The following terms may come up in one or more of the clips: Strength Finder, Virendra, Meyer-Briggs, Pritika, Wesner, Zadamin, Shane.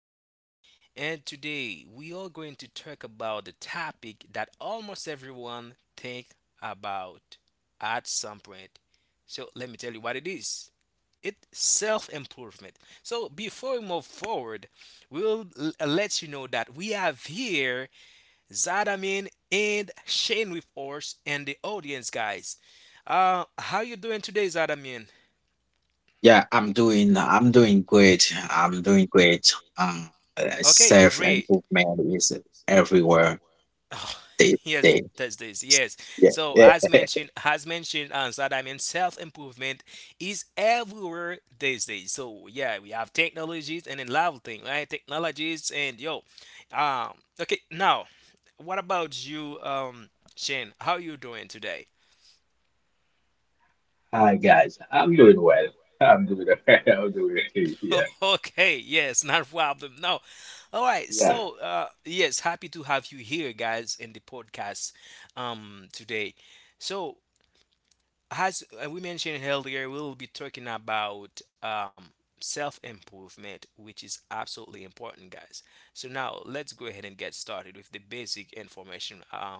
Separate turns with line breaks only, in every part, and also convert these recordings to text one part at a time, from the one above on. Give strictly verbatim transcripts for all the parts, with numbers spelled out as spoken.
Wesner, and today we are going to talk about the topic that almost everyone think about at some point. So let me tell you what it is. It's self-improvement. So before we move forward, we'll l- let you know that we have here Zadamin and Shane with us and the audience, guys. Uh, how you doing today, Zadamin?
Yeah, I'm doing I'm doing great. I'm doing great. Um,
Okay,
self
great.
improvement is everywhere
Oh,
day
yes,
day.
that's this. Yes.
Yeah,
So
yeah.
as mentioned, as mentioned, um, so that I mean, self improvement is everywhere these days. So yeah, we have technologies and a level of thing, right? Technologies and yo, um, okay. Now, what about you, um, Shane? How you doing today?
Hi guys, I'm doing well. I'm doing well. I'm doing okay. Yeah,
Okay, yes, not a problem. No. All right.
yeah.
So, uh yes, happy to have you here guys in the podcast um today. So, as uh, we mentioned earlier, we'll be talking about um self-improvement, which is absolutely important, guys. So now let's go ahead and get started with the basic information. Uh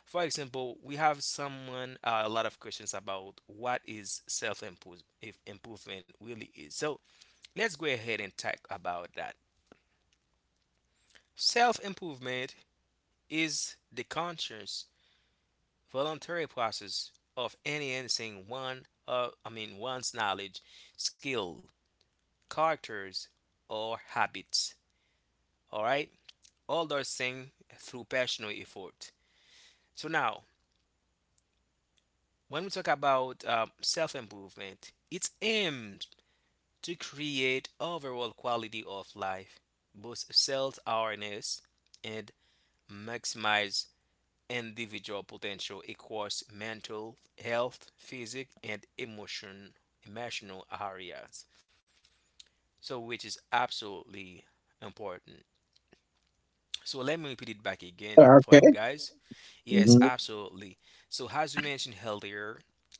For example, we have someone uh, a lot of questions about what is self-improvement really is. So let's go ahead and talk about that. Self improvement is the conscious, voluntary process of enhancing one, uh, I mean, one's knowledge, skill, characters, or habits. All right, all those things through personal effort. So now, when we talk about um, self improvement, it's aimed to create overall quality of life, boost self awareness, and maximize individual potential across mental health, physic, and emotion, emotional areas. So, which is absolutely important. So, let me repeat it back again for you
Okay.
guys. Yes,
Hmm,
absolutely. So, as we mentioned earlier,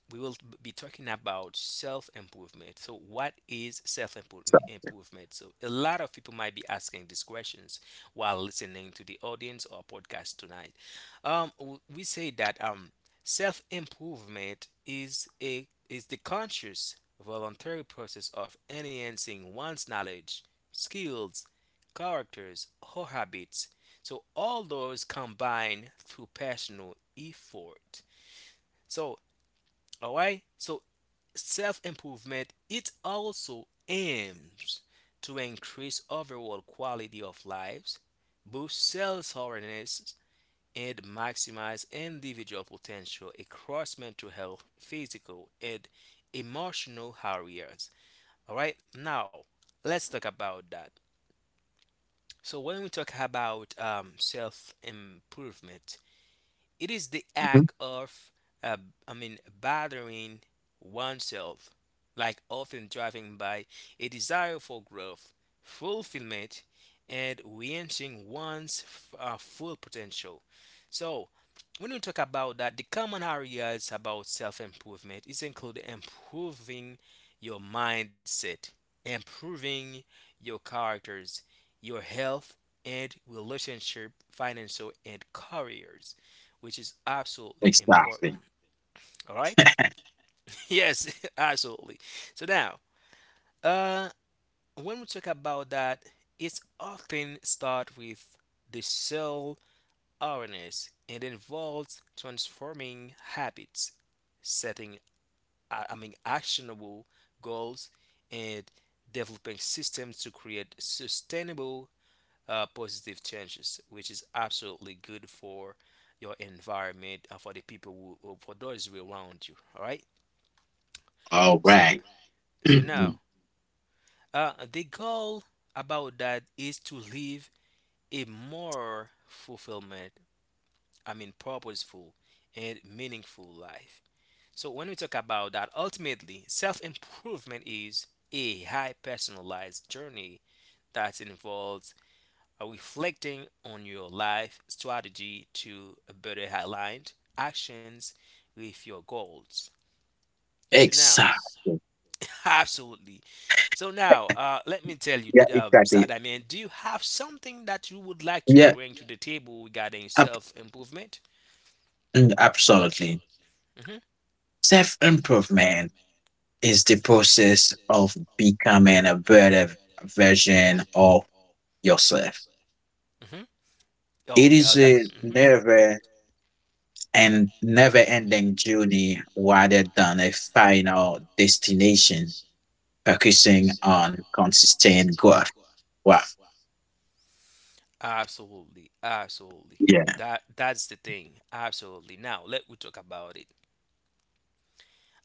we will be talking about self improvement. So, what is self improvement? So, a lot of people might be asking these questions while listening to the audience or podcast tonight. Um, w- we say that um, self improvement is a is the conscious, voluntary process of enhancing one's knowledge, skills, characters, or habits, so all those combine through personal effort. So all right. So self improvement it also aims to increase overall quality of lives, boost self awareness, and maximize individual potential across mental health, physical, and emotional areas. All right. Now let's talk about that. So when we talk about um, self improvement, it is the
hmm.
act of, uh, I mean, bothering oneself, like often driven by a desire for growth, fulfillment, and reaching one's f- uh, full potential. So, when we talk about that, the common areas about self improvement is include improving your mindset, improving your characters, your health and relationship, financial and careers, which is absolutely
Exactly.
important. All right? Yes, absolutely. So now, uh, when we talk about that, it's often start with the self awareness. It involves transforming habits, setting, uh, I mean, actionable goals, and developing systems to create sustainable uh, positive changes, which is absolutely good for your environment and for the people who, for those who are around you. All right.
All
So
right.
so
Mhm.
now, uh, the goal about that is to live a more fulfillment, I mean, purposeful and meaningful life. So when we talk about that, ultimately, self improvement is a high personalized journey that involves reflecting on your life strategy to better align actions with your goals. So now,
Exactly.
absolutely. So now, uh, let me tell you,
Yeah,
um,
exactly.
Sada man, do you have something that you would like to
Yeah,
bring to the table regarding
ab-
self improvement?
mm, absolutely.
Hmm.
Self improvement is the process of becoming a better version of yourself.
Hmm.
It
Oh,
is
uh, that.
a
Hmm.
never and never-ending journey rather than a final destination, focusing on consistent growth. Wow.
Absolutely, absolutely.
Yeah.
That that's the thing. Absolutely. Now let we talk about it.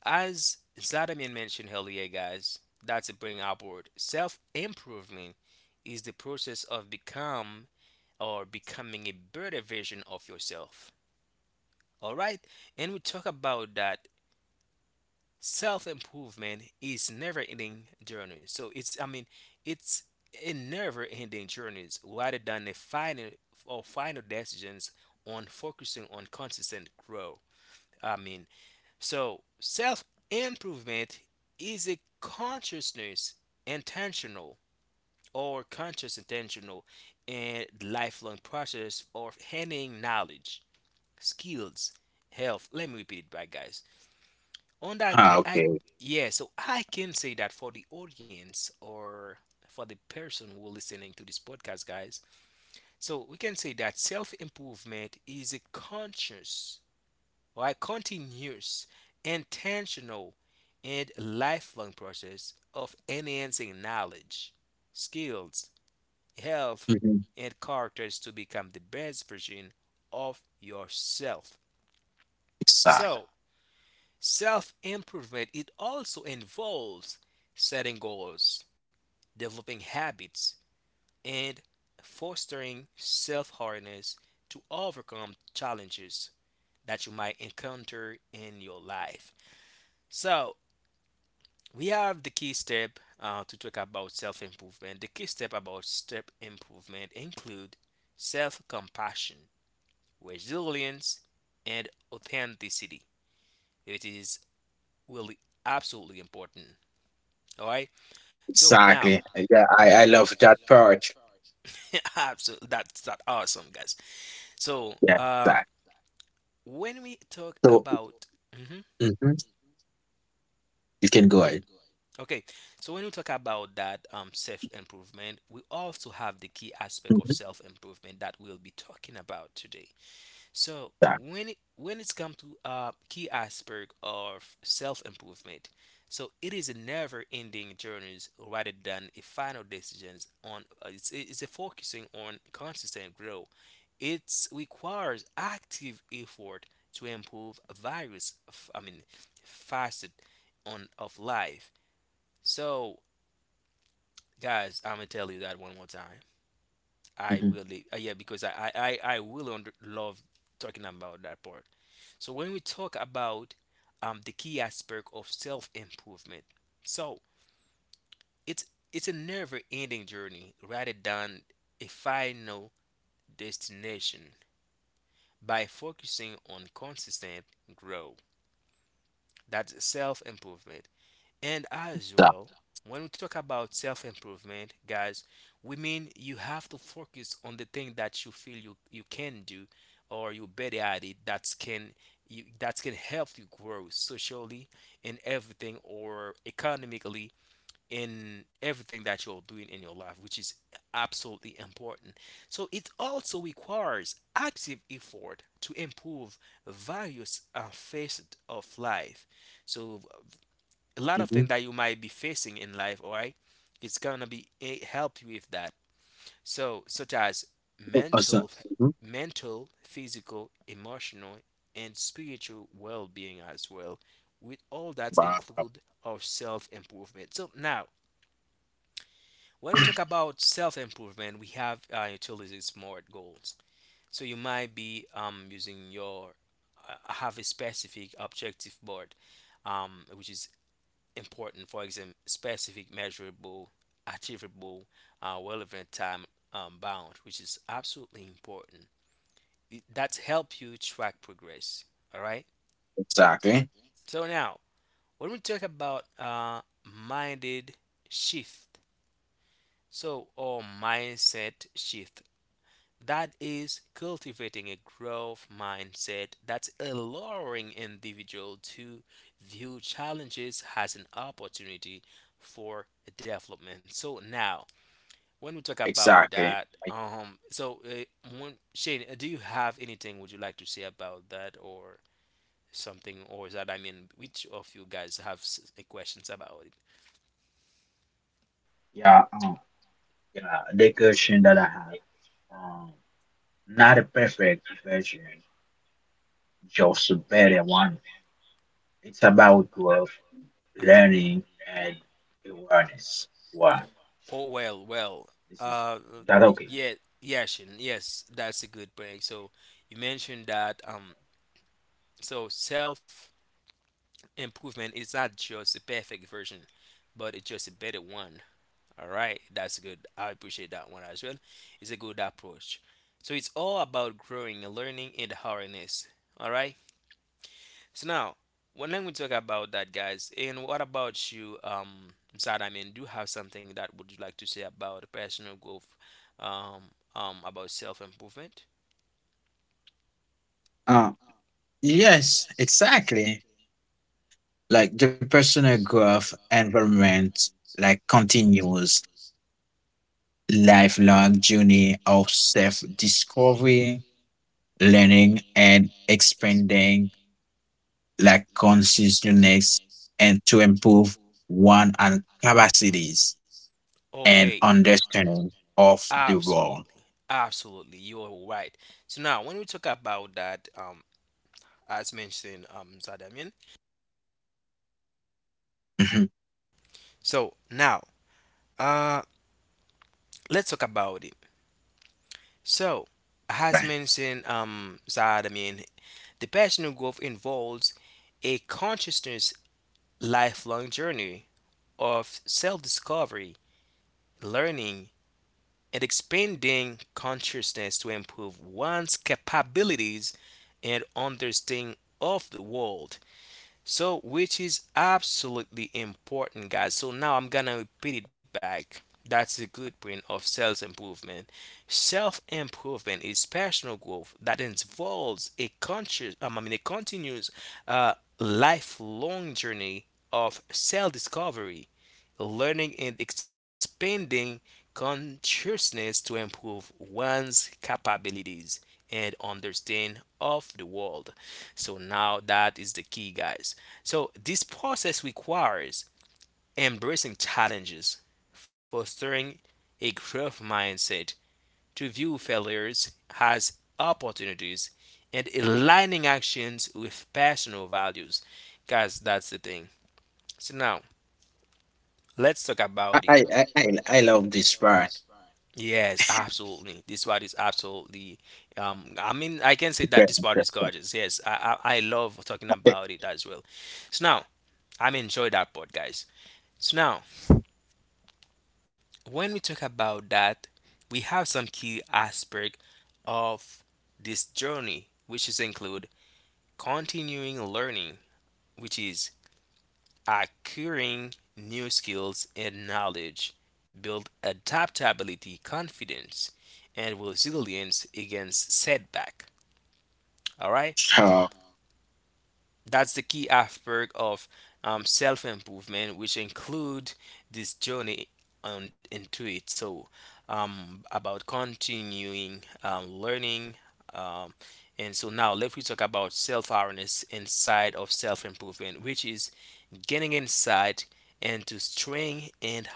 As Zadamin mentioned earlier, guys, that's a bring upward. Self improvement is the process of become or becoming a better version of yourself. All right, and we talk about that self improvement is never ending journey. So it's I mean it's a never ending journeys rather than a final or final decisions on focusing on consistent growth. I mean, so, self improvement is a consciousness, intentional or conscious intentional, and lifelong process of handing knowledge, skills, health. Let me repeat it back, guys. On that
Ah,
point, I
okay.
yeah, so I can say that for the audience or for the person who are listening to this podcast, guys. So we can say that self improvement is a conscious, right? Continuous, intentional, and lifelong process of enhancing knowledge, skills, health,
Mhm.
and characters to become the best version of yourself.
Exactly.
So, self improvement it also involves setting goals, developing habits, and fostering self awareness to overcome challenges that you might encounter in your life. So, we have the key step uh, to talk about self improvement. The key step about step improvement include self compassion, resilience, and authenticity. It is really absolutely important. All right. So now,
Exactly. Yeah, I,
mhm,
I love that part.
part. Absolutely, that's that awesome, guys. So
Yeah,
uh,
exactly.
when we talk
So
about, Mhm.
mhm, you can go ahead.
Okay, so when we talk about that, um, self improvement, we also have the key aspect of
Mhm.
self improvement that we'll be talking about today. So
Yeah.
when it, when it's come to uh, key aspect of self improvement, so it is a never ending journey rather than a final decisions on. Uh, it's, it's a focusing on consistent growth. It requires active effort to improve various, f- I mean, facets on of life. So, guys, I'm gonna tell you that one more time. I
Mhm.
really, uh, yeah, because I, I, I I really under, love talking about that part. So when we talk about um the key aspect of self improvement, so it's it's a never-ending journey rather than a final destination. By focusing on consistent growth, that's self improvement. And as
Yeah.
well, when we talk about self improvement, guys, we mean you have to focus on the thing that you feel you, you can do or you're better at it that can you, that can help you grow socially in everything or economically in everything that you're doing in your life, which is absolutely important. So it also requires active effort to improve various uh, facets of life. So a lot of things
Mhm.
that you might be facing in life, all right? It's gonna be it help you with that. So such as
Awesome.
mental,
Mhm.
mental, physical, emotional, and spiritual well-being as well. With all that
Wow.
include our self-improvement. So now, when we talk about self-improvement, we have uh, utility smart goals. So you might be um using your uh, have a specific objective board, um which is important, for example, specific, measurable, achievable, uh, relevant, time, um, bound, which is absolutely important. It- that's help you track progress, all right.
Exactly.
So now, when we talk about uh, minded shift so or mindset shift, that is cultivating a growth mindset that's allowing individual to view challenges as an opportunity for development. So now when we talk about
Exactly.
that, um, so uh, when, Shane, uh, do you have anything would you like to say about that or something, or is that I mean, which of you guys have s- questions about it?
yeah. Um, yeah. The question that I have, um, not a perfect version, just a better one. It's about growth,
Uh huh.
learning, and awareness. Wow,
Oh well, well,
this is
uh,
that okay?
yeah, yeah, Shane, yes, that's a good point. So you mentioned that um, so self improvement is not just a perfect version, but it's just a better one. All right, that's good. I appreciate that one as well. It's a good approach. So it's all about growing and learning in the harness. All right. So now, when then we talk about that, guys, and what about you, um, Zad? I mean, do you have something that would you like to say about personal growth, um, um, about self improvement?
Uh, yes, exactly. Like the personal growth environment, like continuous lifelong journey of self-discovery, learning, and expanding, like, consciousness and to improve one and capacities and
Okay.
understanding of the world.
Absolutely, absolutely, you're right. So now, when we talk about that, um, as mentioned, um, Zadamian.
Mhm.
So now, uh, let's talk about it. So, as
Right.
mentioned, um, that I mean, the personal growth involves a consciousness lifelong journey of self-discovery, learning, and expanding consciousness to improve one's capabilities and understanding of the world. So, which is absolutely important, guys. So, now I'm gonna repeat it back. That's the good point of self improvement. Self improvement is personal growth that involves a conscious, um, I mean, a continuous, uh, lifelong journey of self discovery, learning, and expanding consciousness to improve one's capabilities and understanding of the world. So now that is the key, guys. So this process requires embracing challenges, fostering a growth mindset to view failures as opportunities, and aligning actions with personal values. Guys, that's the thing. So now let's talk
I,
about
I
it.
i i I love this part.
Yes, absolutely. This part is absolutely. Um, I mean, I can say that
Very
this part is
interesting.
gorgeous. Yes, I, I I love talking
Okay.
about it as well. So now I'm enjoying that part, guys. So now when we talk about that, we have some key aspect of this journey, which is include continuing learning, which is acquiring new skills and knowledge, build adaptability, confidence, and resilience against setback. All right.
So,
That's the key aspect of um, self improvement, which include this journey on, into it. So, um, about continuing um, learning. Um, and so now let me talk about self awareness inside of self improvement, which is getting insight into strength and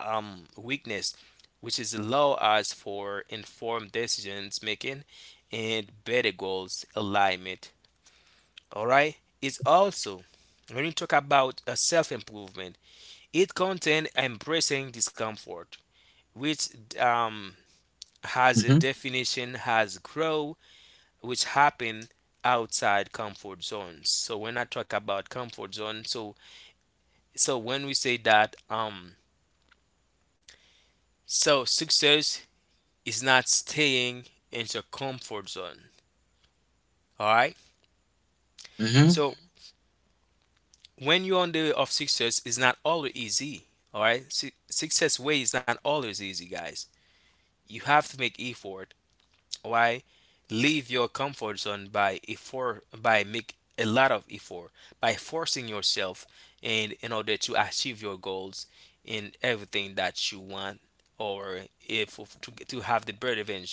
um, weakness, which is allow us for informed decisions making and better goals alignment. All right. It's also when you talk about uh, self-improvement, it contains embracing discomfort which um, has a
mhm,
definition has grow, which happen outside comfort zones. So when I talk about comfort zone, so so when we say that um so success is not staying in your comfort zone. All right.
mhm,
So when you're on the way of success, it's not always easy. All right. Su- success way is not always easy, guys. You have to make effort. Why? Leave your comfort zone by effort, by make a lot of effort, by forcing yourself, in in order to achieve your goals, in everything that you want, or if to, to have the better version,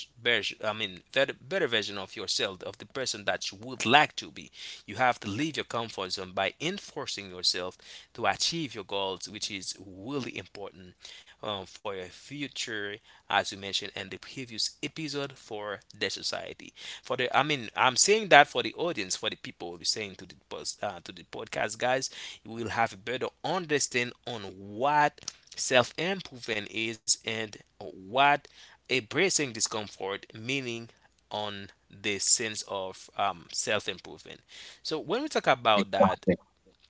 I mean, better, better version of yourself, of the person that you would like to be, you have to leave your comfort zone by enforcing yourself to achieve your goals, which is really important um, for your future, as we mentioned in the previous episode, for the society. For the, I mean, I'm saying that for the audience, for the people listening to the post, uh, to the podcast, guys, you will have a better understanding on what self improvement is and what embracing discomfort meaning on the sense of um, self improvement. So when we talk about
exactly.
that,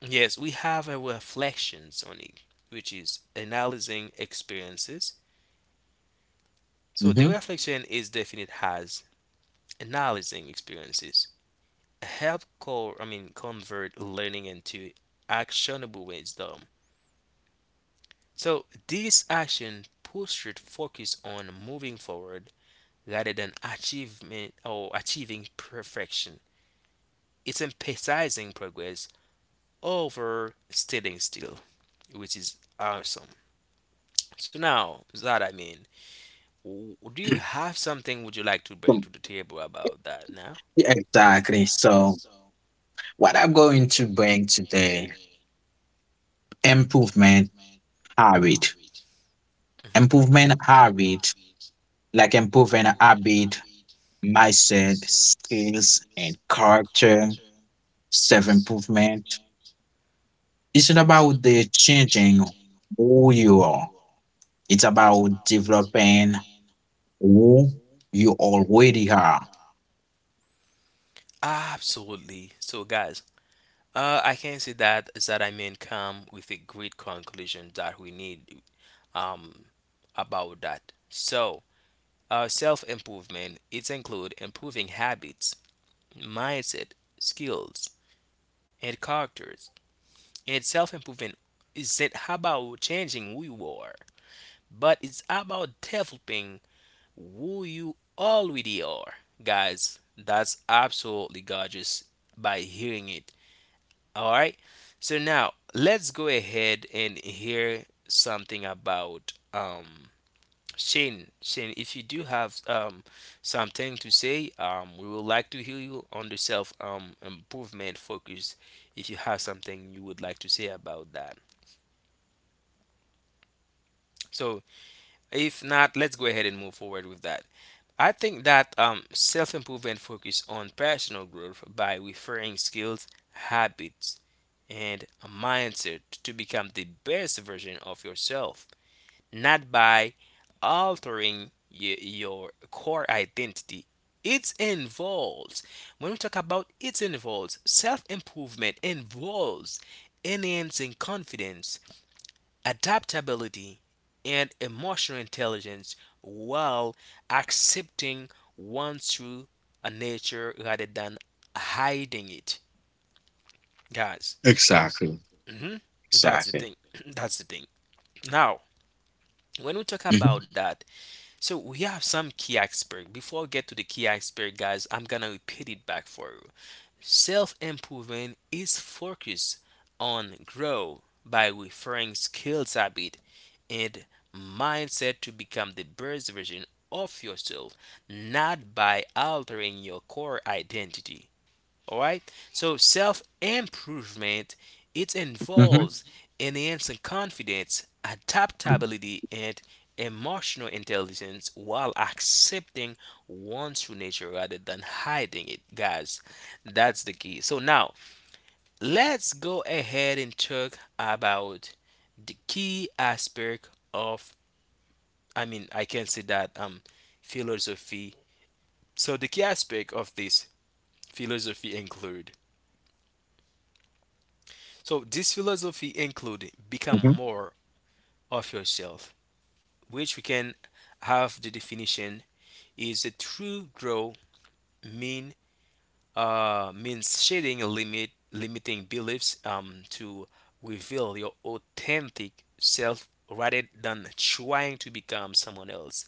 yes, we have a reflections on it, which is analyzing experiences. So the
Mhm.
reflection is definite as analyzing experiences help co- I mean convert learning into actionable wisdom. So this action pursued focus on moving forward rather than achievement or achieving perfection. It's emphasizing progress over standing still, which is awesome. So now, that I mean, w- do you have something would you like to bring
So,
to the table about that now?
yeah, exactly, so what I'm going to bring today, improvement habit.
Hmm.
Improvement habit, like improving a habit, mindset, skills, and character, self-improvement. It's not about the changing who you are. It's about developing who you already are.
Absolutely. So, guys, uh, I can say that that I mean come with a great conclusion that we need um about that. So, uh, self improvement, it include improving habits, mindset, skills, and characters. And self improvement isn't about changing who you are, but it's about developing who you already are. Guys, that's absolutely gorgeous by hearing it. All right. So now let's go ahead and hear something about um Shane. Shane, if you do have um, something to say, um, we would like to hear you on the self um, improvement focus. If you have something you would like to say about that,
Um,
so
yeah. I have
if
something
not,
to
let's go
say.
ahead and move
Can
forward
you hear
with
me?
that. I think that um, self improvement
Mhm.
focus on personal growth by referring skills, habits, and a mindset to become the best version of yourself, not by altering y- your core identity. It involves, when we talk about it involves, self improvement involves enhancing confidence, adaptability, and emotional intelligence while accepting one's true uh, nature rather than hiding it, guys.
Exactly.
Hmm. That's the
Exactly.
thing. That's the thing. Now, when we talk about
Hmm,
that, so we have some key iceberg. Before I get to the key iceberg, guys, I'm gonna repeat it back for you. Self improvement is focused on grow by referring skills, habit, and mindset to become the best version of yourself, not by altering your core identity. All right. So self improvement, it
hmm,
involves enhancing confidence, adaptability, and emotional intelligence while accepting one's true nature rather than hiding it, guys. That's the key. So now let's go ahead and talk about the key aspect of, I mean I can say that, um philosophy. So the key aspect of this philosophy include, so this philosophy include become
hmm.
more of yourself, which we can have the definition is a true grow, mean uh, means shedding limit limiting beliefs um, to reveal your authentic self rather than trying to become someone else.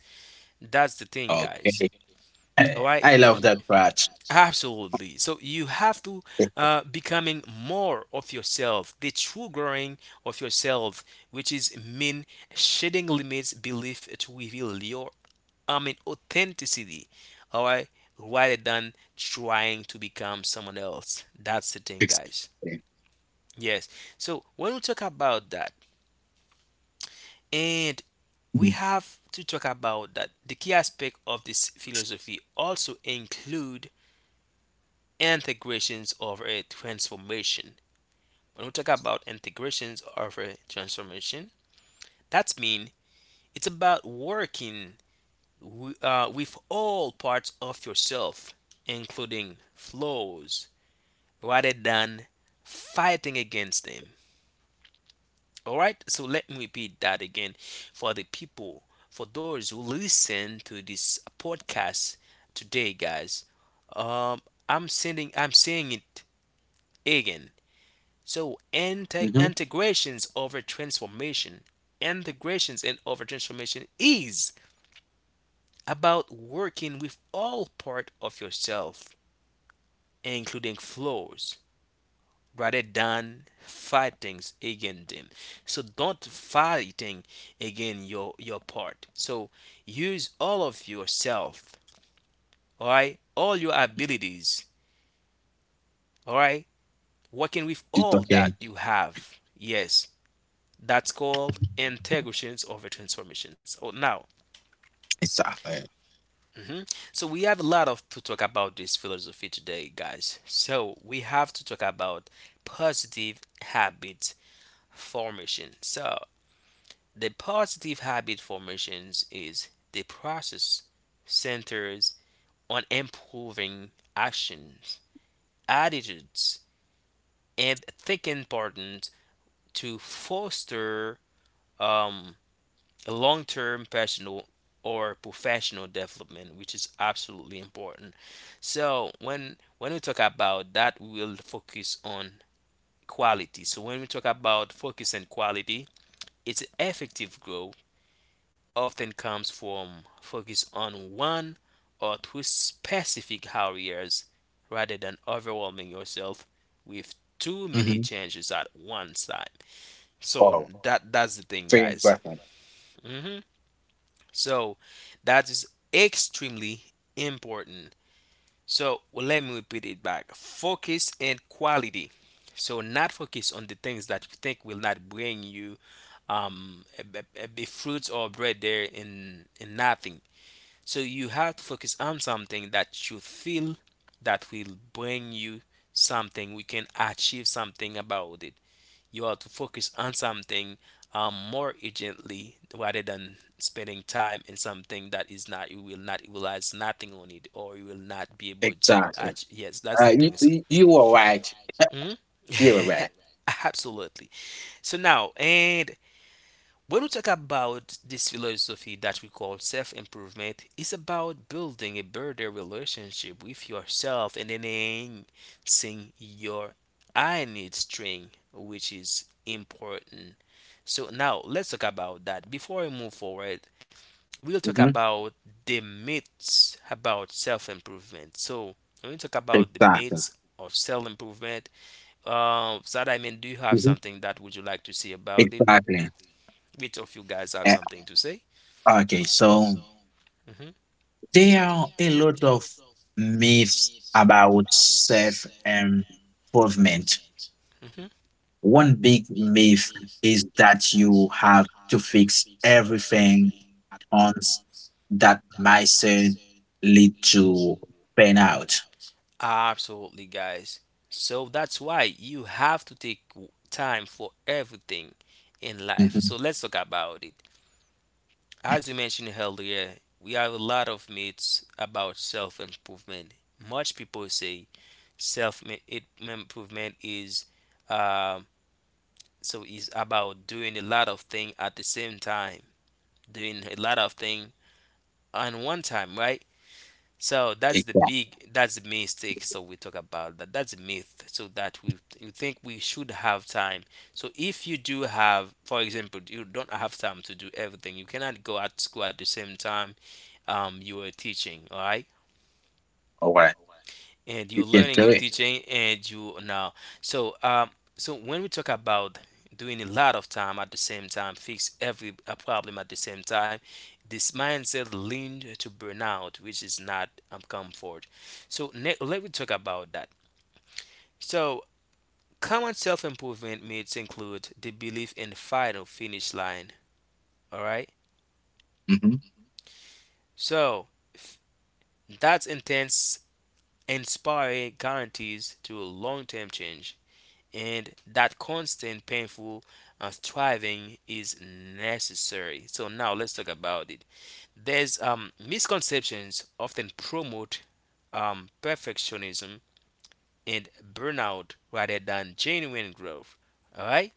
That's the thing, guys.
Okay. I
All right.
I love that part.
Absolutely. So you have to uh, becoming more of yourself, the true growing of yourself, which is mean shedding limits belief to reveal your, I mean, authenticity. All right, rather than trying to become someone else. That's the thing, guys.
Exactly.
Yes. So when we talk about that, and
Mhm.
we have to talk about that the key aspect of this philosophy also include integrations of a transformation. When we talk about integrations of a transformation, that means it's about working wi- uh, with all parts of yourself, including flaws, rather than fighting against them. All right, so let me repeat that again for the people, for those who listen to this podcast today, guys. Um, I'm sending, I'm saying it again. So inte-
Mhm.
integrations over transformation, integrations and over transformation is about working with all part of yourself, including flaws, rather than fighting against them. So don't fighting against your your part. So use all of yourself, all right, all your abilities, all right, working with
It's
all that
okay.
you have. Yes, that's called integrations over transformations. Oh, now,
Exactly.
mhm. So we have a lot of to talk about this philosophy today, guys. So we have to talk about positive habit formation. So the positive habit formations is the process centers on improving actions, attitudes, and thinking patterns to foster um, a long-term personal or professional development, which is absolutely important. So when when we talk about that, we will focus on quality. So when we talk about focus and quality, its effective growth often comes from focus on one or two specific areas rather than overwhelming yourself with too many
Mhm.
changes at one time. So
Wow.
that that's the thing,
Very
guys.
important.
Mhm. So that is extremely important. So well, let me repeat it back. Focus and quality. So not focus on the things that you think will not bring you um a, a, a fruits or bread there in in nothing. So you have to focus on something that you feel that will bring you something. We can achieve something about it. You have to focus on something um, more urgently rather than spending time in something that is not, you will not realize nothing on it, or you will not be able to
Exactly.
act. Yes, that's
Uh,
the
you,
thing. So
you you were right.
mhm.
You were right.
Absolutely. So now, and when we talk about this philosophy that we call self improvement, it's about building a better relationship with yourself and enhancing your innate strength, which is important. So, now let's talk about that. Before we move forward, we'll talk
Hmm.
about the myths about self improvement. So, when we talk about the
Exactly.
myths of self improvement, uh, Sada, do you have
Mhm.
something that would you like to say about it?
Exactly.
Which of you guys have
Uh,
something to say?
okay, so
Hmm.
there are a lot of myths about self improvement.
Hmm.
One big myth is that you have to fix everything at once. That mindset lead to burnout.
Absolutely, guys. So that's why you have to take w- time for everything in life.
Mhm.
So let's talk about it. As we mentioned earlier, we have a lot of myths about self improvement. Much people say self improvement is um, so is about doing a lot of things at the same time, doing a lot of things on one time, right? So that's the
Exactly.
big, that's the mistake. So we talk about that. That's a myth. So that we you think we should have time. So if you do have, for example, you don't have time to do everything. You cannot go at school at the same time um you are teaching. All right,
All right.
and
You
you're
can
learning,
do
you're
it.
teaching, and you now. So, um, so when we talk about doing a lot of time at the same time, fix every uh, problem at the same time, this mindset leaned to burnout, which is not um, comfort. So, ne- let me talk about that. So, common self-improvement myths include the belief in the final finish line. All right.
Mhm.
So, that's intense, inspiring guarantees to long-term change, and that constant painful uh, striving is necessary. So now let's talk about it. There's um, misconceptions often promote um, perfectionism and burnout rather than genuine growth. All right.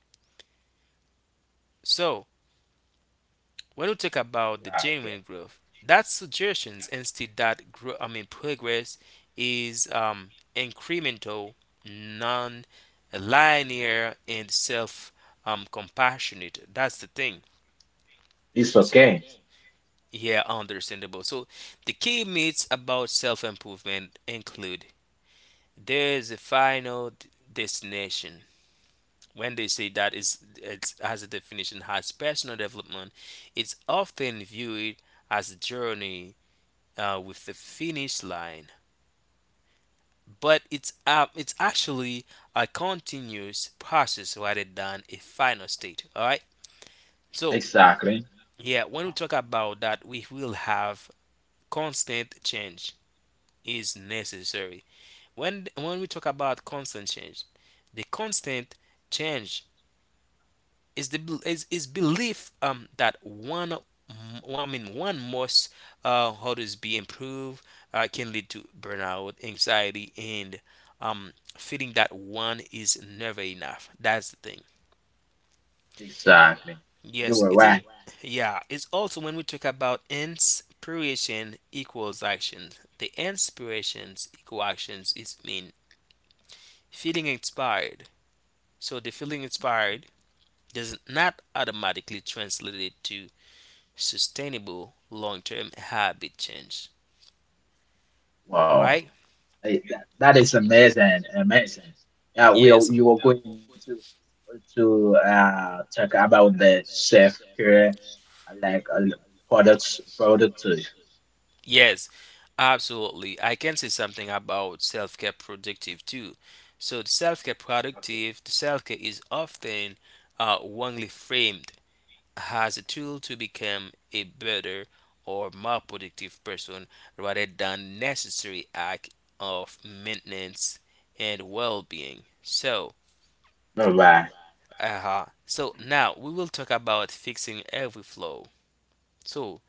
So when we talk about the
Yeah, okay.
genuine growth, that suggests instead that grow, I mean progress is um, incremental, non-linear, and self-compassionate. That's the thing.
It's
So, it's
okay.
okay. Yeah, understandable. So the key myths about self-improvement include there's a final d- destination. When they say that is, it's as a definition has personal development, it's often viewed as a journey uh, with the finish line. But it's uh, it's actually a continuous process rather than a final state. All right. So
Exactly.
yeah, when we talk about that, we will have constant change is necessary. When when we talk about constant change, the constant change is the is, is belief um, that one m- I mean one must uh, how does be improved uh, can lead to burnout, anxiety, and um, feeling that one is never enough. That's the thing.
Exactly. You
Yes,
were
it's in,
right.
yeah. It's also when we talk about inspiration equals actions. The inspirations equal actions is mean feeling inspired. So the feeling inspired does not automatically translate it to sustainable long-term habit change.
Wow.
All right?
Like, that, that is amazing, amazing. Uh, we are,
Yes.
you are going to to uh talk about the chef here, uh, like uh, products, products. Okay.
Yes, absolutely. I can say something about self-care productive too. So the self-care productive, the self-care is often uh, wrongly framed as a tool to become a better or more productive person rather than necessary act of maintenance and well-being. So
All right.
uh-huh. So now we will talk about fixing every flaw. So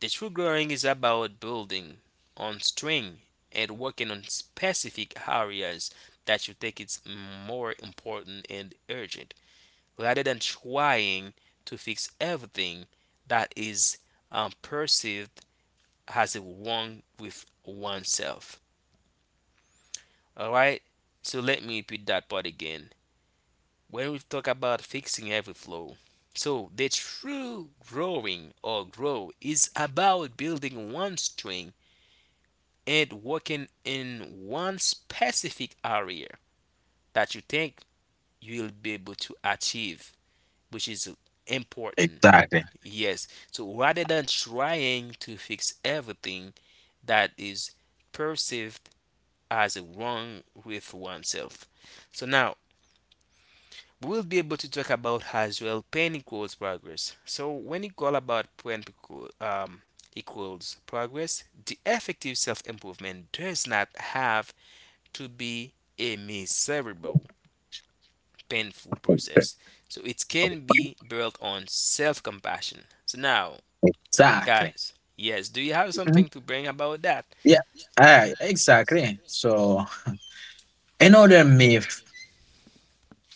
the true growing is about building on string and working on specific areas that you think it's more important and urgent rather than trying to fix everything that is um, perceived as a wrong with oneself. All right. So let me repeat that part again. When we talk about fixing every flaw, so the true growing or grow is about building one string and working in one specific area that you think you'll be able to achieve, which is important.
Exactly.
Yes. So rather than trying to fix everything that is perceived as wrong with oneself. So now we'll be able to talk about as well pain equals progress. So when you call about pain um, equals progress, the effective self-improvement does not have to be a miserable, painful process. So it can be built on self-compassion. So now,
Exactly.
guys, yes, do you have
Mhm.
something to bring about that?
Yeah, I exactly. So another myth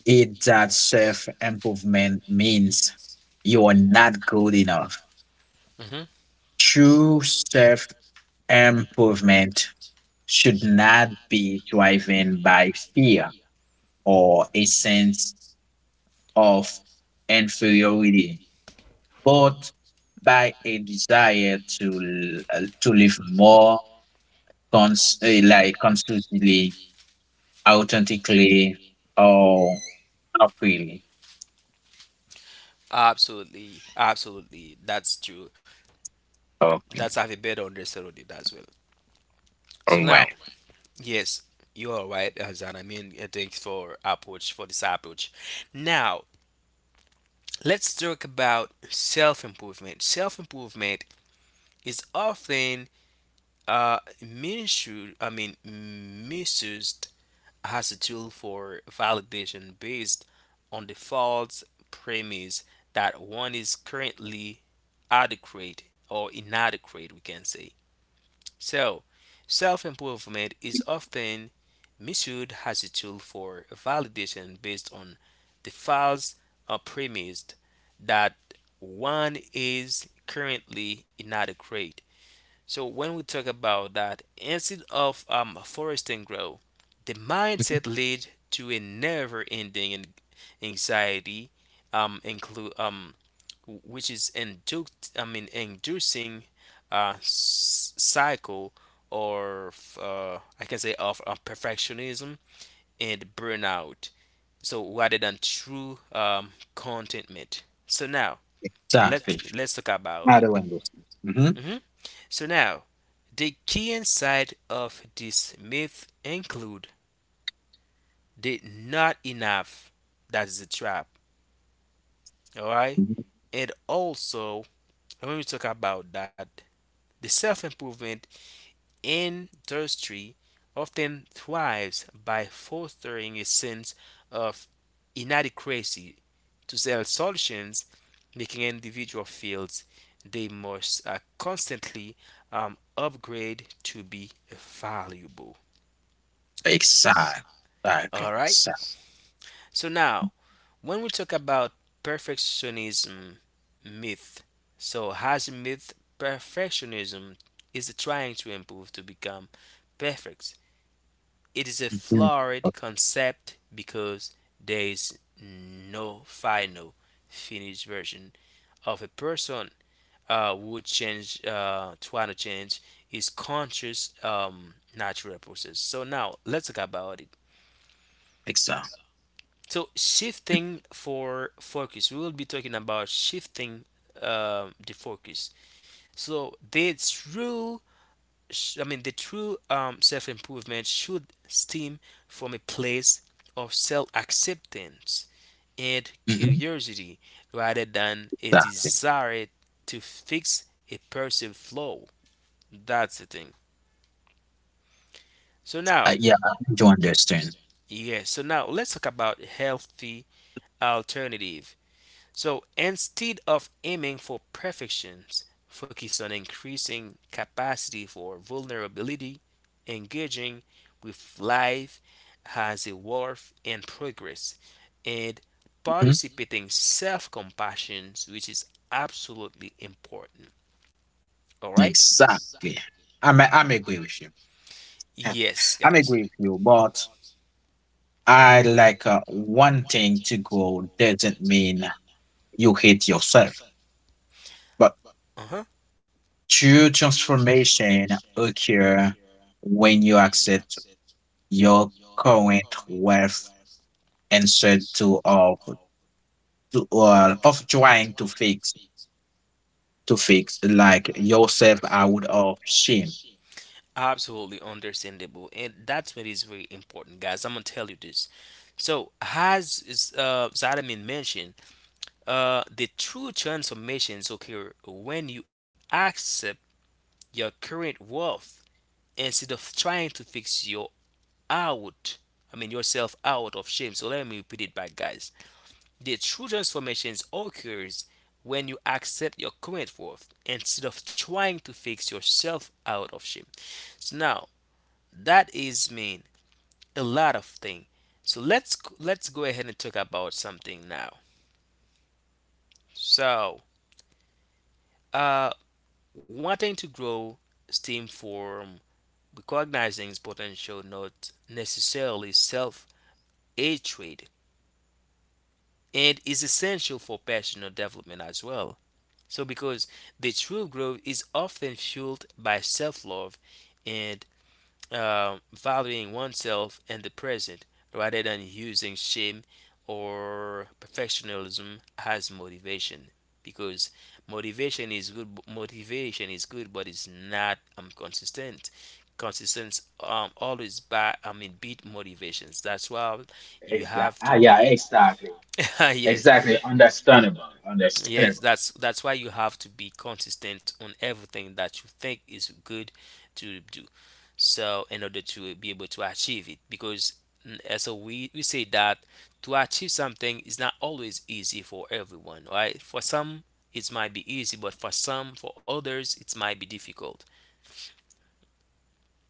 is that self improvement means you are not good enough.
Hmm.
True self improvement should not be driven by fear or a sense of inferiority, but by a desire to l- to live more cons eh, like, consistently, authentically, or appealing.
Absolutely, absolutely. That's true.
Okay.
That's have a better understanding as well. So
All right.
now, yes, you are right, Azan. I mean, uh, thanks for approach for this approach. Now, let's talk about self-improvement. Self-improvement is often uh, misused. I mean, misused as a tool for validation based on the false premise that one is currently adequate or inadequate. We can say so. Self improvement is often Missoud has a tool for validation based on the false uh, premise that one is currently inadequate. So when we talk about that, instead of um, fostering growth, the mindset leads to a never-ending anxiety, um, include um, which is induced, I mean, inducing a cycle or uh, I can say of uh, perfectionism and burnout. So rather than true um, contentment. So now let's
Exactly.
let's talk about
I
it.
do understand. Mm-hmm.
Mhm. So now the key insight of this myth include the not enough. That is a trap. Alright? And also when we talk about that, the self improvement industry often thrives by fostering a sense of inadequacy to sell solutions, making individual fields they must uh, constantly um, upgrade to be valuable.
Exactly. Exactly.
All right.
Exactly.
So now, when we talk about perfectionism myth, so has a myth perfectionism is trying to improve to become perfect. It is a
Mhm.
flawed concept because there is no final finished version of a person uh, would change, uh, trying to change is conscious, um, natural process. So now let's talk about it.
Exactly.
So shifting for focus, we will be talking about shifting um, the focus. So the true, I mean the true um, self improvement should stem from a place of self acceptance and
Mhm,
curiosity rather than a
exactly.
desire to fix a perceived flaw. That's the thing. So now,
Uh, yeah, I do understand.
yes, so now let's talk about healthy alternative. So instead of aiming for perfections, focus on increasing capacity for vulnerability, engaging with life as a worth and progress, and
Mhm.
participating self-compassion, which is absolutely important. All right?
Exactly. I'm I'm agree with you.
Yes,
I'm
guys.
agree with you, but I like, uh, one thing to go doesn't mean you hate yourself, but
Uh huh.
true transformation occur when you accept your current worth, instead to of to, uh, of trying to fix to fix like yourself out of shame.
Absolutely understandable, and that's what is very important, guys. I'm gonna tell you this. So, as is, uh, Zadamin mentioned, uh, the true transformations occur when you accept your current worth instead of trying to fix your out. I mean, yourself out of shame. So let me repeat it back, guys. The true transformations occurs when you accept your current worth instead of trying to fix yourself out of shame. So now that is mean a lot of things. So let's let's go ahead and talk about something now. So, uh, wanting to grow stem from recognizing its potential, not necessarily self hatred, and is essential for personal development as well. So, because the true growth is often fueled by self love and um, valuing oneself and the present rather than using shame or perfectionism as motivation because motivation is good, motivation is good but it's not um, consistent consistent um, always by, I mean beat motivations. That's why you
Exactly.
have to
Ah, yeah.
be
Exactly.
yes.
Exactly. Understandable.
Yes,
Understandable.
that's that's why you have to be consistent on everything that you think is good to do so in order to be able to achieve it. Because mm, uh, so we, we say that to achieve something is not always easy for everyone, right? For some it might be easy but for some, for others it might be difficult.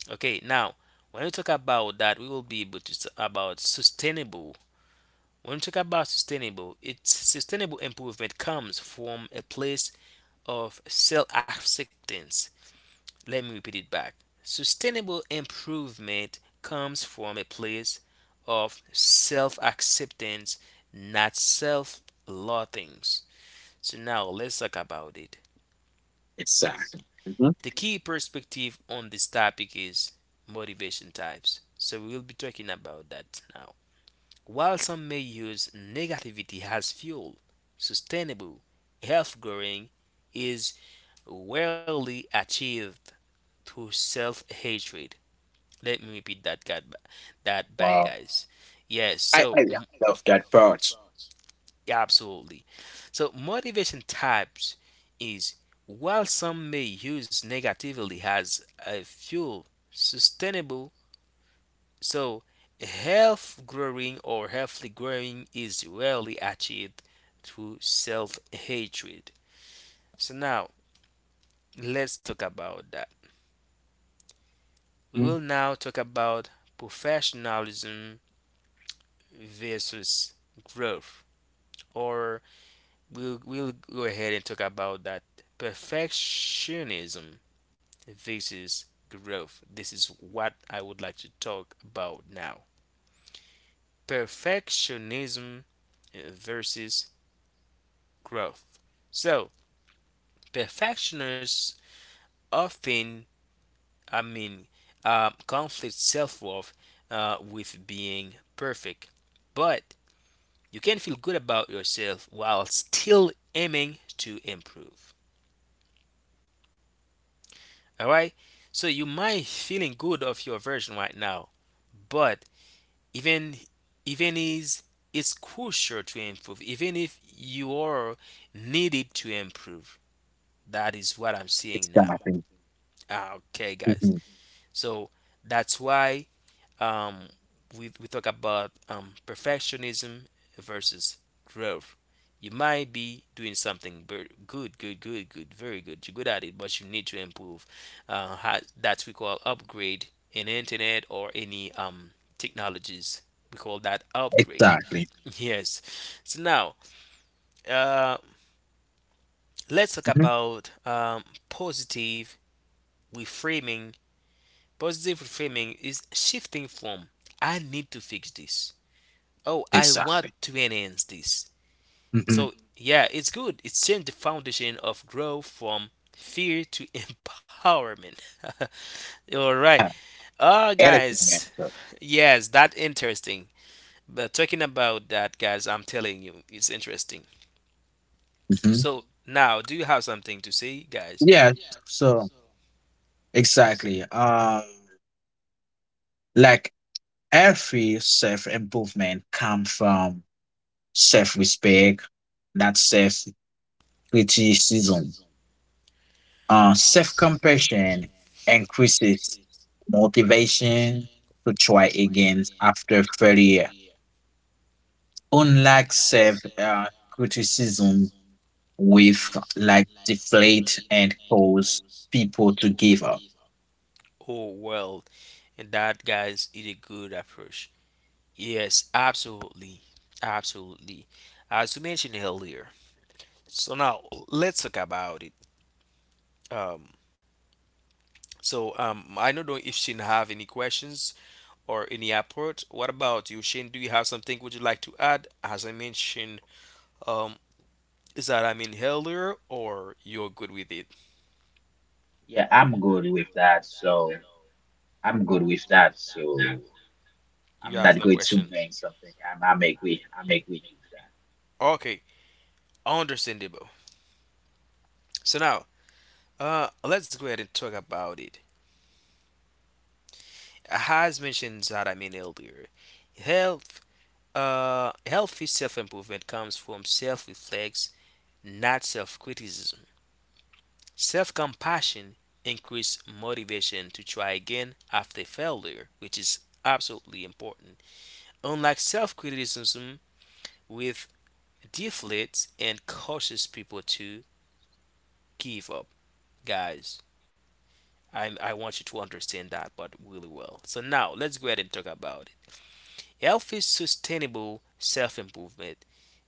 Okay, now when we talk about that we will be able to talk about sustainable. When we talk about sustainable, it's sustainable improvement comes from a place of self-acceptance. Let me repeat it back. Sustainable improvement comes from a place of self acceptance, not self loathing. So, now let's talk about it.
Exactly. Mhm.
The key perspective on this topic is motivation types. So, we will be talking about that now. While some may use negativity as fuel, sustainable health growing is rarely achieved through self hatred. Let me repeat that, God, that bad
Wow.
guys. Yes,
I,
so
I
mm,
love that part.
absolutely. So motivation types is while some may use negatively as a fuel, sustainable. So health growing or healthy growing is rarely achieved through self hatred. So now let's talk about that. We
Mhm.
will now talk about professionalism versus growth, or we'll we'll go ahead and talk about that perfectionism versus growth. This is what I would like to talk about now. Perfectionism uh, versus growth. So perfectionists often, I mean, uh, conflict self-worth uh, with being perfect, but you can feel good about yourself while still aiming to improve. All right. So you might feeling good of your version right now, but even even is it's crucial to improve. Even if you are needed to improve, that is what I'm seeing now.
Exactly.
Ah, okay, guys.
Mhm.
So that's why um, we, we talk about um, perfectionism versus growth. You might be doing something very good, good, good, good, very good. You're good at it, but you need to improve. Uh, ha- that we call upgrade in internet or any um, technologies. We call that upgrade.
Exactly.
Yes. So now, uh, let's talk
Mhm.
about um, positive reframing. Positive reframing is shifting from "I need to fix this" Oh, "I want
Exactly.
to enhance this."
Mm-hmm.
So, yeah, it's good. It's changed the foundation of growth from fear to empowerment. All right.
Yeah.
Oh,
Anything
guys.
else.
Yes, that interesting. But talking about that, guys, I'm telling you, it's interesting.
Mhm.
So, now, do you have something to say, guys?
Yeah. So exactly. Um. Like, every self improvement comes from self respect, not self criticism. Uh, self compassion increases motivation to try again after failure. Unlike self uh, criticism, with like deflate and cause people to give up.
Oh, well, and that, guys, is a good approach. Yes, absolutely. Absolutely. As you mentioned earlier. So, now, let's talk about it. Um, So um, I don't know if Shane have any questions or any approach. What about you, Shane? Do you have something would you like to add? As I mentioned, um, is that I mean earlier, or you're good with it?
Yeah, I'm good with that. So I'm good with that. So
You
I'm
have
not
no
going to
question.
bring something. I'm, I make way. I make way with
Okay, understandable. So now, uh, let's go ahead and talk about it. As mentioned that I mean earlier, health, uh, healthy self-improvement comes from self-reflex, not self-criticism. Self compassion increases motivation to try again after failure, which is absolutely important. Unlike self criticism, with deflates and causes people to give up. Guys, I, I want you to understand that, but really well. So, now let's go ahead and talk about it. Healthy, sustainable self improvement.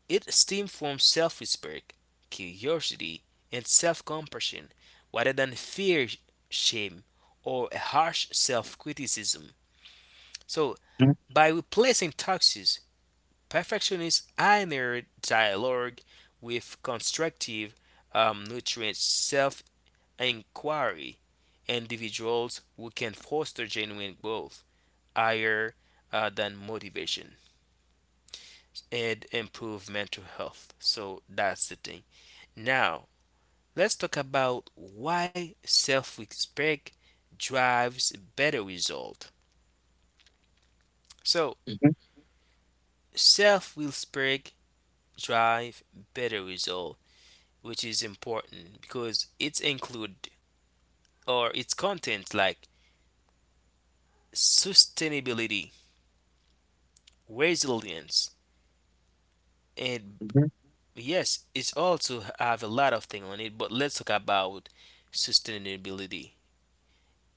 It stems from self respect, curiosity, and self compassion rather than fear, shame, or a harsh self criticism. So,
Mhm,
by replacing toxic perfectionist inner dialogue with constructive, um, nutrient self inquiry, individuals who can foster genuine growth higher uh, than motivation and improve mental health. So, that's the thing. Now, let's talk about why self-respect drives better result. So,
mhm,
self-respect drive better result, which is important because it's include or its content like sustainability, resilience, and
mhm.
yes, it's also have a lot of thing on it, but let's talk about sustainability.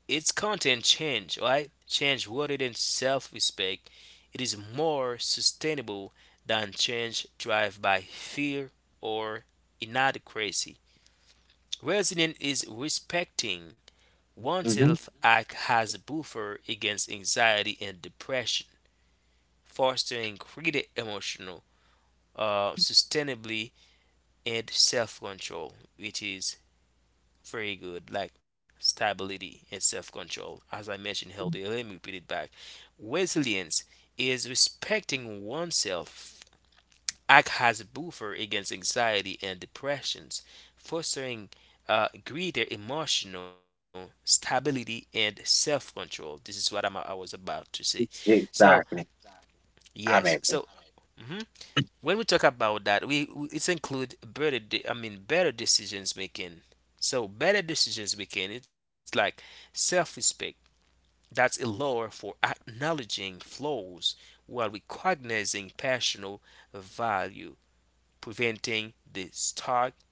Its content change, right? Change rooted in self-respect. It is more sustainable than change driven by fear or inadequacy. Resilience is respecting oneself act as a buffer against anxiety and depression, fostering greater emotional uh, sustainability and self-control, which is very good, like stability and self control. As I mentioned earlier, let me repeat it back. Resilience is respecting oneself, act as a buffer against anxiety and depressions, fostering uh, greater emotional stability and self control. This is what I'm, I was about to say.
Ex-
So,
Exactly.
yes,
I'm
so
agree.
mhm. When we talk about that, we, we it include better. De- I mean, better decisions making. So better decisions making. It's like self-respect. That's a lower for acknowledging flaws while recognizing personal value, preventing the stark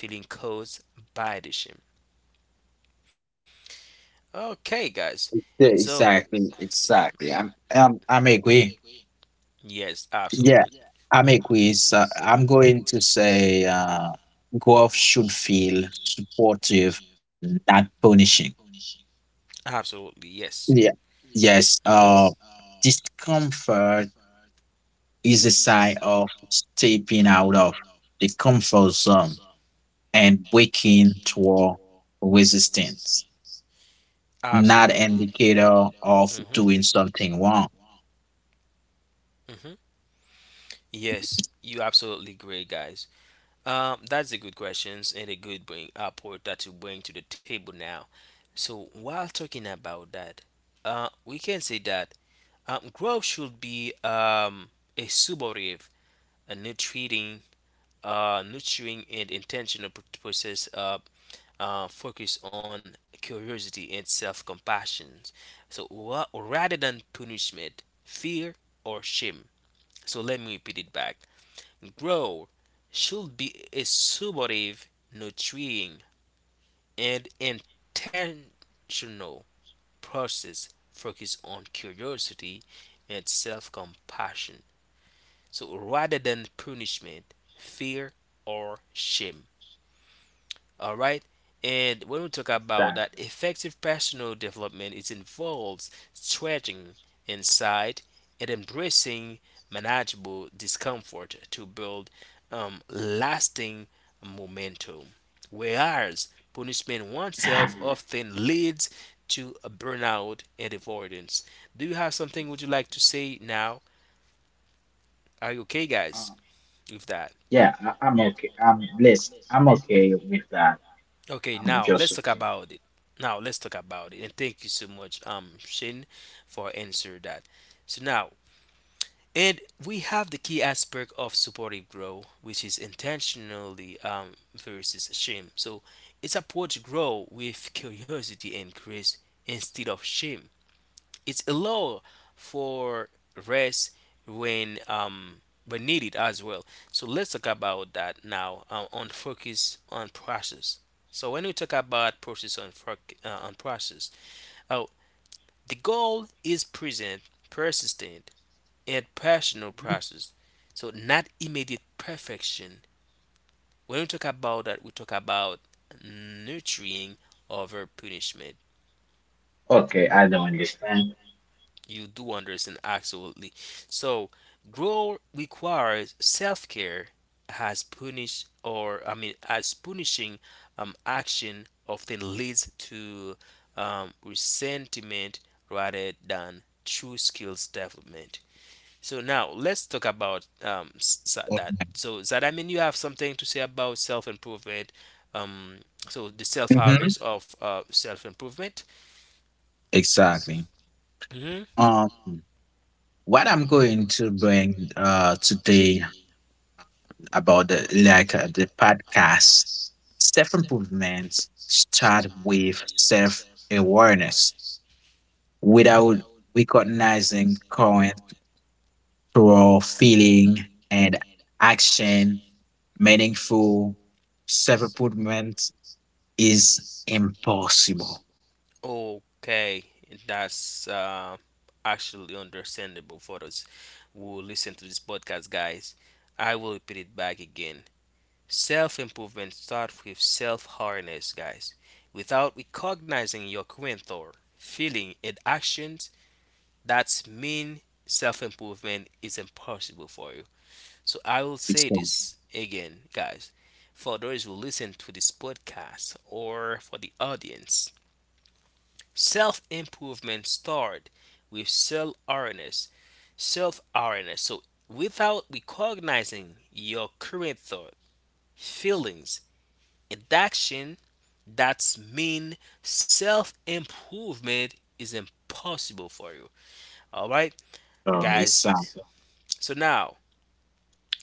feeling caused by the shame. Okay, guys.
Yeah,
So
exactly.
exactly,
Exactly.
exactly.
I'm, I'm, I'm agree.
Yes,
Yeah.
absolutely, yeah.
I'm a quiz. Uh, I'm going to say, uh, golf should feel supportive, not punishing.
Absolutely, yes.
Yeah.
Hmm.
Yes.
Yes.
Uh, discomfort is a sign of stepping out of the comfort zone and waking toward resistance, not
Absolutely.
indicator of
Of hmm.
doing something wrong.
Hmm. Yes, you absolutely great, guys. Um, that's a good questions and a good bring apport that you bring to the table now. So while talking about that, uh, we can say that um, growth should be um, a supportive, a nurturing, uh, nurturing and intentional pr- process. Uh, uh, focus on curiosity and self-compassion. So ra- rather than punishment, fear, or shame. So let me repeat it back. Grow should be a supportive, nurturing, and intentional process focused on curiosity and self-compassion. So rather than punishment, fear, or shame. All right. And when we talk about
that.
that, effective personal development, it involves stretching inside and embracing manageable discomfort to build um, lasting momentum. Whereas punishment oneself
Exactly.
often leads to a burnout and avoidance. Do you have something would you like
Exactly.
to say now? Are you okay, guys, with that?
Yeah, I, I'm okay. I'm blessed. I'm okay with that.
Okay,
I'm
now
just
let's talk about it. Now let's talk about it. And thank you so much, um, Shane, for answer that. So now, and we have the key aspect of supportive growth, which is intentionally um, versus shame. So it's approach grow with curiosity and grace instead of shame. It's allow for rest when um when needed as well. So let's talk about that now uh, on focus on process. So when we talk about process on foc uh, on process, oh, the goal is present, persistent, and personal
uh,
process. So not immediate perfection. When we talk about that, we talk about nurturing over punishment.
okay. I don't understand.
You do understand, absolutely. So, growth requires self care as punish or I mean as punishing um, action often leads to um, resentment rather than true skills development. So now let's talk about um, s- s- that. So does that mean you have something to say about self improvement? Um, so the self
Mhm.
awareness of uh, self improvement.
Exactly. Um, what I'm going to bring uh, today about the, like, uh, the podcast, self improvement start with self awareness. Without recognizing current through feeling and action, meaningful self improvement is impossible.
Okay, that's uh, actually understandable for us who listen to this podcast, guys. I will repeat it back again. Self improvement starts with self awareness, guys. Without recognizing your current thought, feeling, and actions, that's mean self improvement is impossible for you. So I will
it's
say
um,
this again, guys. For those who listen to this podcast or for the audience, self improvement start with self awareness. Self awareness. So without recognizing your current thought, feelings, and action, that's mean self improvement is impossible for you. All right,
um, it's um,
guys. So now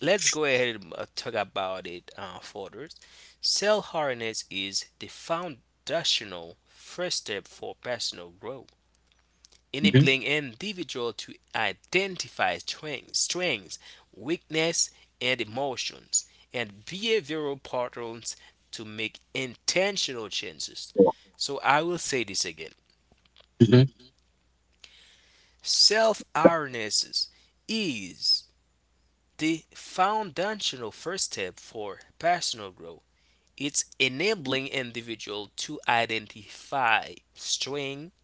let's go ahead and uh, talk about it uh, further. Self awareness is the foundational first step for personal growth,
mhm,
enabling an individual to identify strengths, strengths, weakness, and emotions and behavioral patterns to make intentional changes. So I will say this again.
mhm,
Self-awareness is the foundational first step for personal growth. It's enabling individual to identify strengths,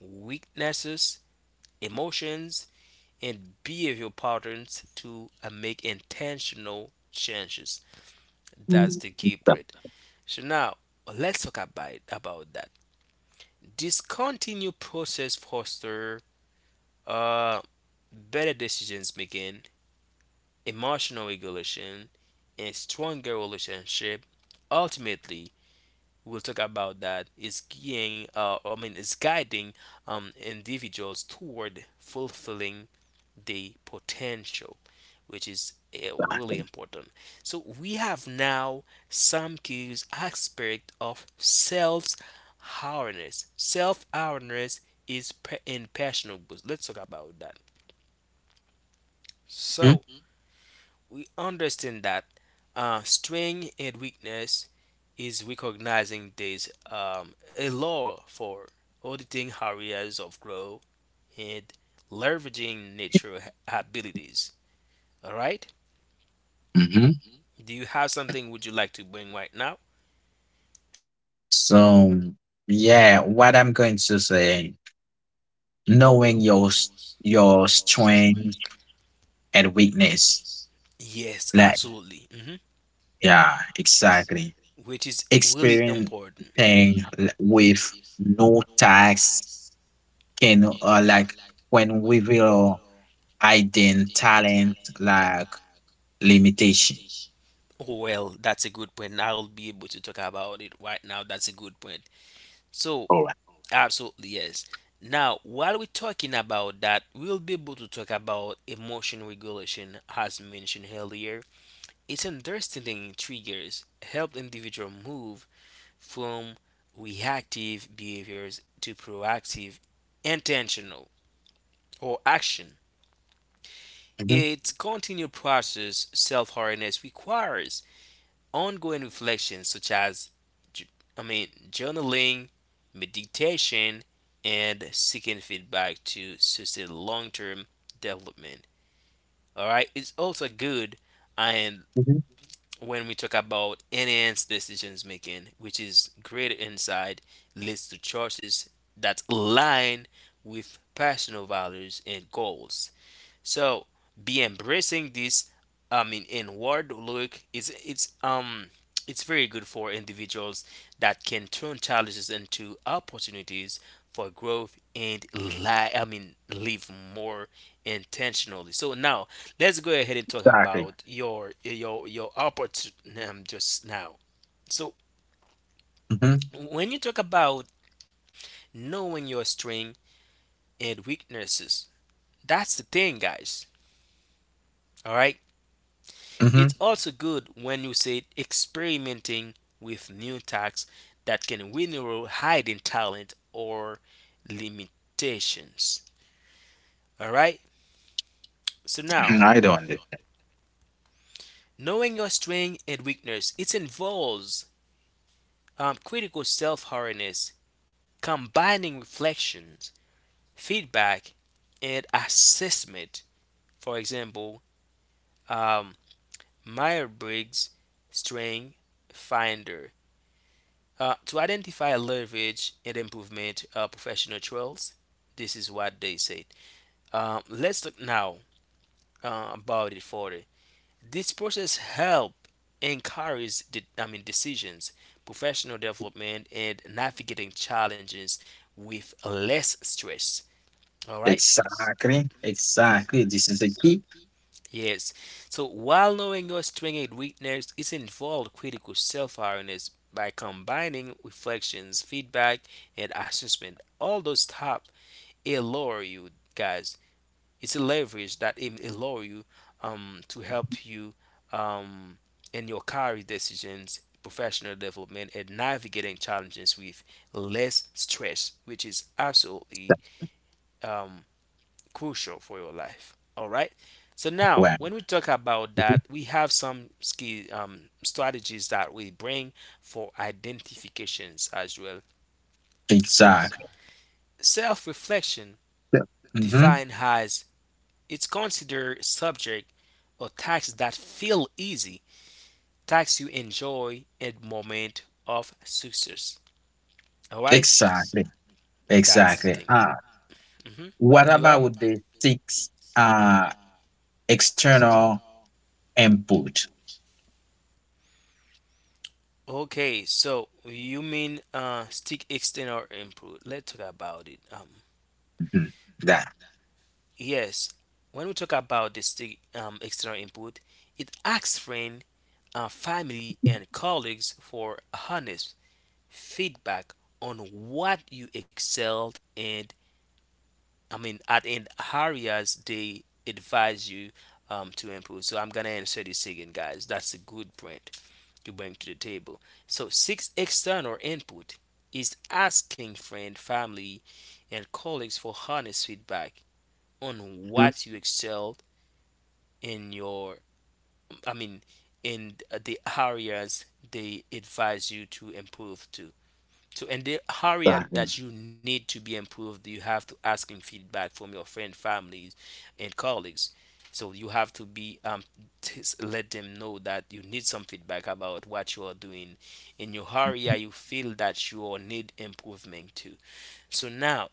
weaknesses, emotions, and behavioral patterns to uh, make intentional changes. That's the key bread. So now let's talk about about that. This continued process foster uh, better decisions making, emotional regulation, and stronger relationship. Ultimately, we'll talk about that is guiding uh, I mean is guiding um, individuals toward fulfilling the potential, which is uh, really important. So we have now some key aspect of self awareness. Self awareness is pe- impressionable. Let's talk about that.
mhm,
So we understand that uh, strength and weakness is recognizing this um, a law for auditing areas of growth and leveraging natural abilities. All right.
mhm.
Do you have something would you like to bring right now?
So yeah, what I'm going to say, knowing your s- your strength and weakness.
Yes,
Like,
absolutely. hmm
yeah, exactly.
Which is really
Experiencing
important.
l- with no tax can, uh, like, when we will identify talent, like, limitation.
Oh, well, that's a good point. I'll be able to talk about it right now. That's a good point. So,
All right.
absolutely, yes. Now, while we're talking about that, we'll be able to talk about emotion regulation, as mentioned earlier. It's understanding triggers help individual move from reactive behaviors to proactive, intentional, or action.
Mhm,
Its continued process, self awareness, requires ongoing reflection such as, ju- I mean, journaling, meditation, and seeking feedback to sustain long term development. All right, it's also good. And
mhm.
when we talk about enhanced decisions making, which is greater insight, leads to choices that align with personal values and goals. So be embracing this I mean inward look is it's um it's very good for individuals that can turn challenges into opportunities for growth and li- I mean live more intentionally. So now let's go ahead and talk
Exactly.
about your your your opportunity um, just now. So
Hmm,
when you talk about knowing your strength and weaknesses, that's the thing, guys. All right.
hmm.
It's also good when you say experimenting with new tasks that can reveal hidden talent or limitations. All right. So
I don't
now,
understand.
knowing your strength and weakness, it involves um, critical self-awareness, combining reflections, feedback, and assessment. For example, um, Meyer-Briggs Strength Finder. Uh, to identify leverage and improvement uh, professional trails, this is what they said. Um, let's talk now uh, about it further. This process help encourage the, I mean decisions, professional development, and navigating challenges with less stress. All right.
Exactly. Exactly. This is the key.
Yes. So while knowing your strengths and weaknesses it's involved critical self-awareness by combining reflections, feedback, and assessment. All those stuff allure you guys, it's a leverage that it allure you um to help you um in your career decisions, professional development, and navigating challenges with less stress, which is
That-
absolutely um crucial for your life. All right, so now
Well,
when we talk about
mhm.
that we have some skill um, strategies that we bring for identifications as well. So
Exactly.
self reflection
Hmm.
defined as: it's considered subject or tasks that feel easy, tasks you enjoy at moment of success. All right,
Exactly.
that's the
Exactly.
thing.
Ah,
Ah, hmm
what
You have
about the six? Uh, external input.
okay. So you mean uh, stick extend or input? Let's talk about it. Um,
Mhm. That.
yes, when we talk about the stick um, external input, it asks friend, uh, family, and colleagues for honest feedback on what you excelled and I mean at in areas they advise you um, to improve. So I'm gonna answer this again, guys. That's a good point you bring to the table. So six external input is asking friend, family, and colleagues for honest feedback on
Mhm.
what you excelled in your I mean in the areas they advise you to improve to. So in the area
Exactly.
that you need to be improved, you have to asking feedback from your friend, families, and colleagues. So you have to be um, t- s- let them know that you need some feedback about what you are doing in your area. You feel that you are need improvement too. So now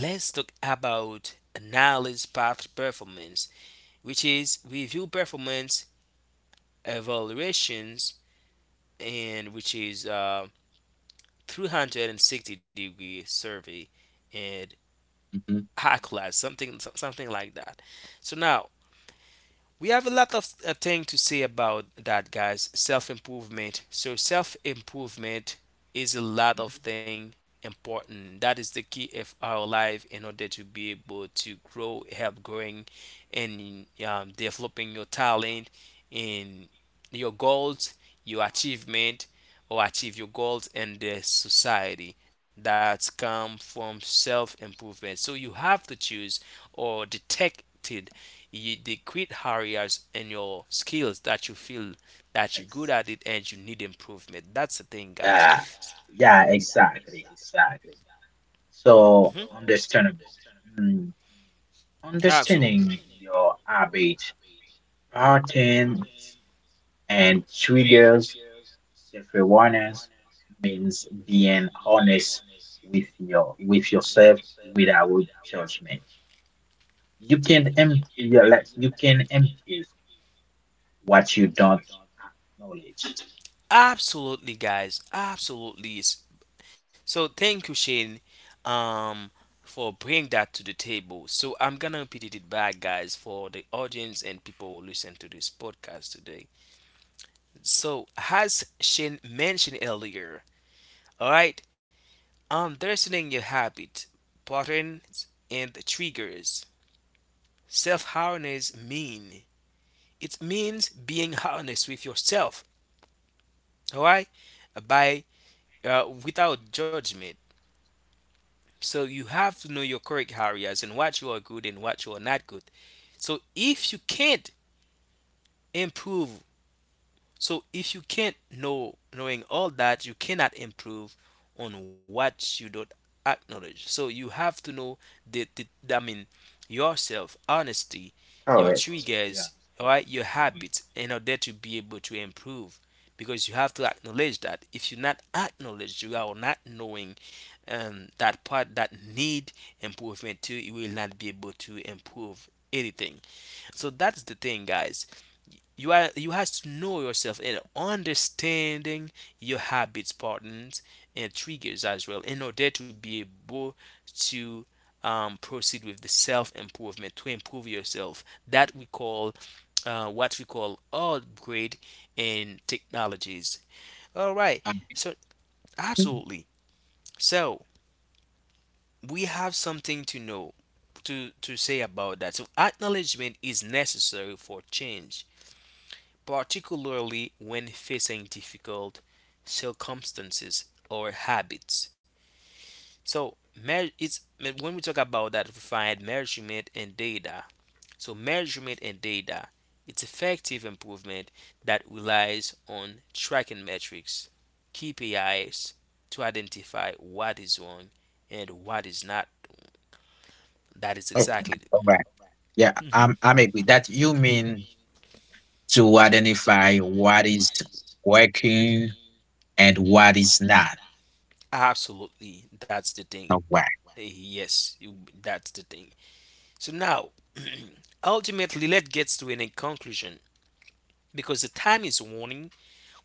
let's talk about analysis path performance, which is review performance evaluations, and which is um, three hundred sixty degree survey and
Mhm.
high class something so- something like that. So now we have a lot of uh, thing to say about that, guys. Self improvement. So self improvement is a lot of thing important. That is the key of our life in order to be able to grow, help growing, and um, developing your talent in your goals, your achievement, or achieve your goals and the society that come from self improvement. So you have to choose or detect you, they quit areas and your skills that you feel that you're good
Ex-
at it and you need improvement. That's the thing, guys.
Uh, yeah, exactly, exactly. So
Mhm.
understandable. Mm,
Absolutely.
understanding your habit, pattern, and triggers, self-awareness means being honest with your with yourself without judgment. You can empty your like you can empty what you don't acknowledge.
Absolutely, guys. Absolutely. S- So thank you, Shane, um, for bringing that to the table. So I'm gonna repeat it back, guys, for the audience and people who listen to this podcast today. So as Shane mentioned earlier, all right, understanding your habit, patterns, and triggers. Self awareness mean It means being honest with yourself. All right, by uh, without judgment. So you have to know your correct areas and what you are good and what you are not good. So if you can't improve So if you can't know knowing all that, you cannot improve on what you don't acknowledge. So you have to know the, the I mean yourself, honesty, your
Correct. Yeah.
triggers,
So,
all right, your
mhm.
habits in order to be able to improve. Because you have to acknowledge that. If you are not acknowledge, you are not knowing um, that part that need improvement too, you will not be able to improve anything. So that's the thing, guys. You are you has to know yourself and understanding your habits, patterns, and triggers as well in order to be able to um, proceed with the self improvement to improve yourself. That we call uh, what we call upgrade in technologies. All right.
Um,
So absolutely. So we have something to know to to say about that. So acknowledgement is necessary for change, particularly when facing difficult circumstances or habits. So, it's when we talk about that, we find measurement and data. So, measurement and data, it's effective improvement that relies on tracking metrics, K P Is, to identify what is wrong and what is not. That is
oh,
exactly it.
all right. Yeah,
Mhm.
I'm I'm agree that you mean to identify what is working and what is not.
Absolutely, that's the thing.
All right.
Yes, you, that's the thing. So now, ultimately, let's get to a conclusion because the time is warning.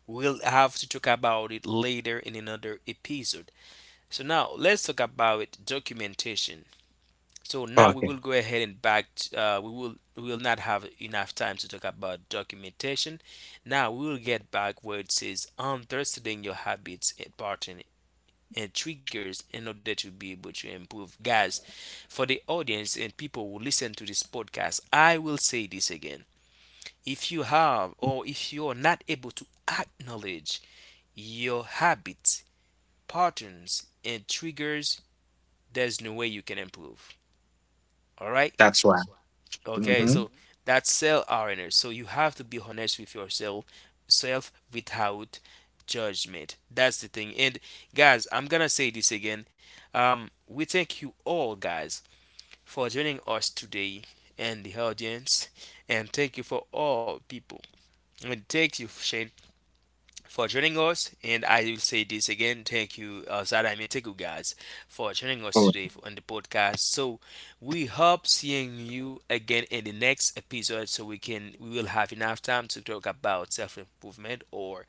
We'll have to talk about it later in another episode. So now, let's talk about documentation. So now we
Okay,
will go ahead and back. Uh, we will we will not have enough time to talk about documentation. Now we will get back where it says understanding your habits and pattern and triggers in order to be able to improve. Guys, for the audience and people who listen to this podcast, I will say this again. If you have or if you're not able to acknowledge your habits, patterns, and triggers, there's no way you can improve. All right?
that's why.
Okay,
Mm-hmm.
so that's self awareness. So you have to be honest with yourself, self without judgment. That's the thing. And guys, I'm gonna say this again. Um, we thank you all, guys, for joining us today and the audience, and thank you for all people. And thank you, Shane, for joining us. And I will say this again, thank you, uh, Zadam, and thank you guys for joining us today on the podcast. So we hope seeing you again in the next episode so we can we will have enough time to talk about self improvement or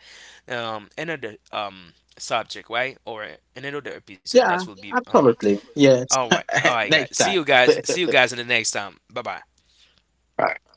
um, another um, subject, right? Or another episode that
Yeah,
will be. Um,
absolutely. Yes.
all right, all right, guys.
Next
See
time.
you guys. See you guys in the next time. Bye bye.
Right.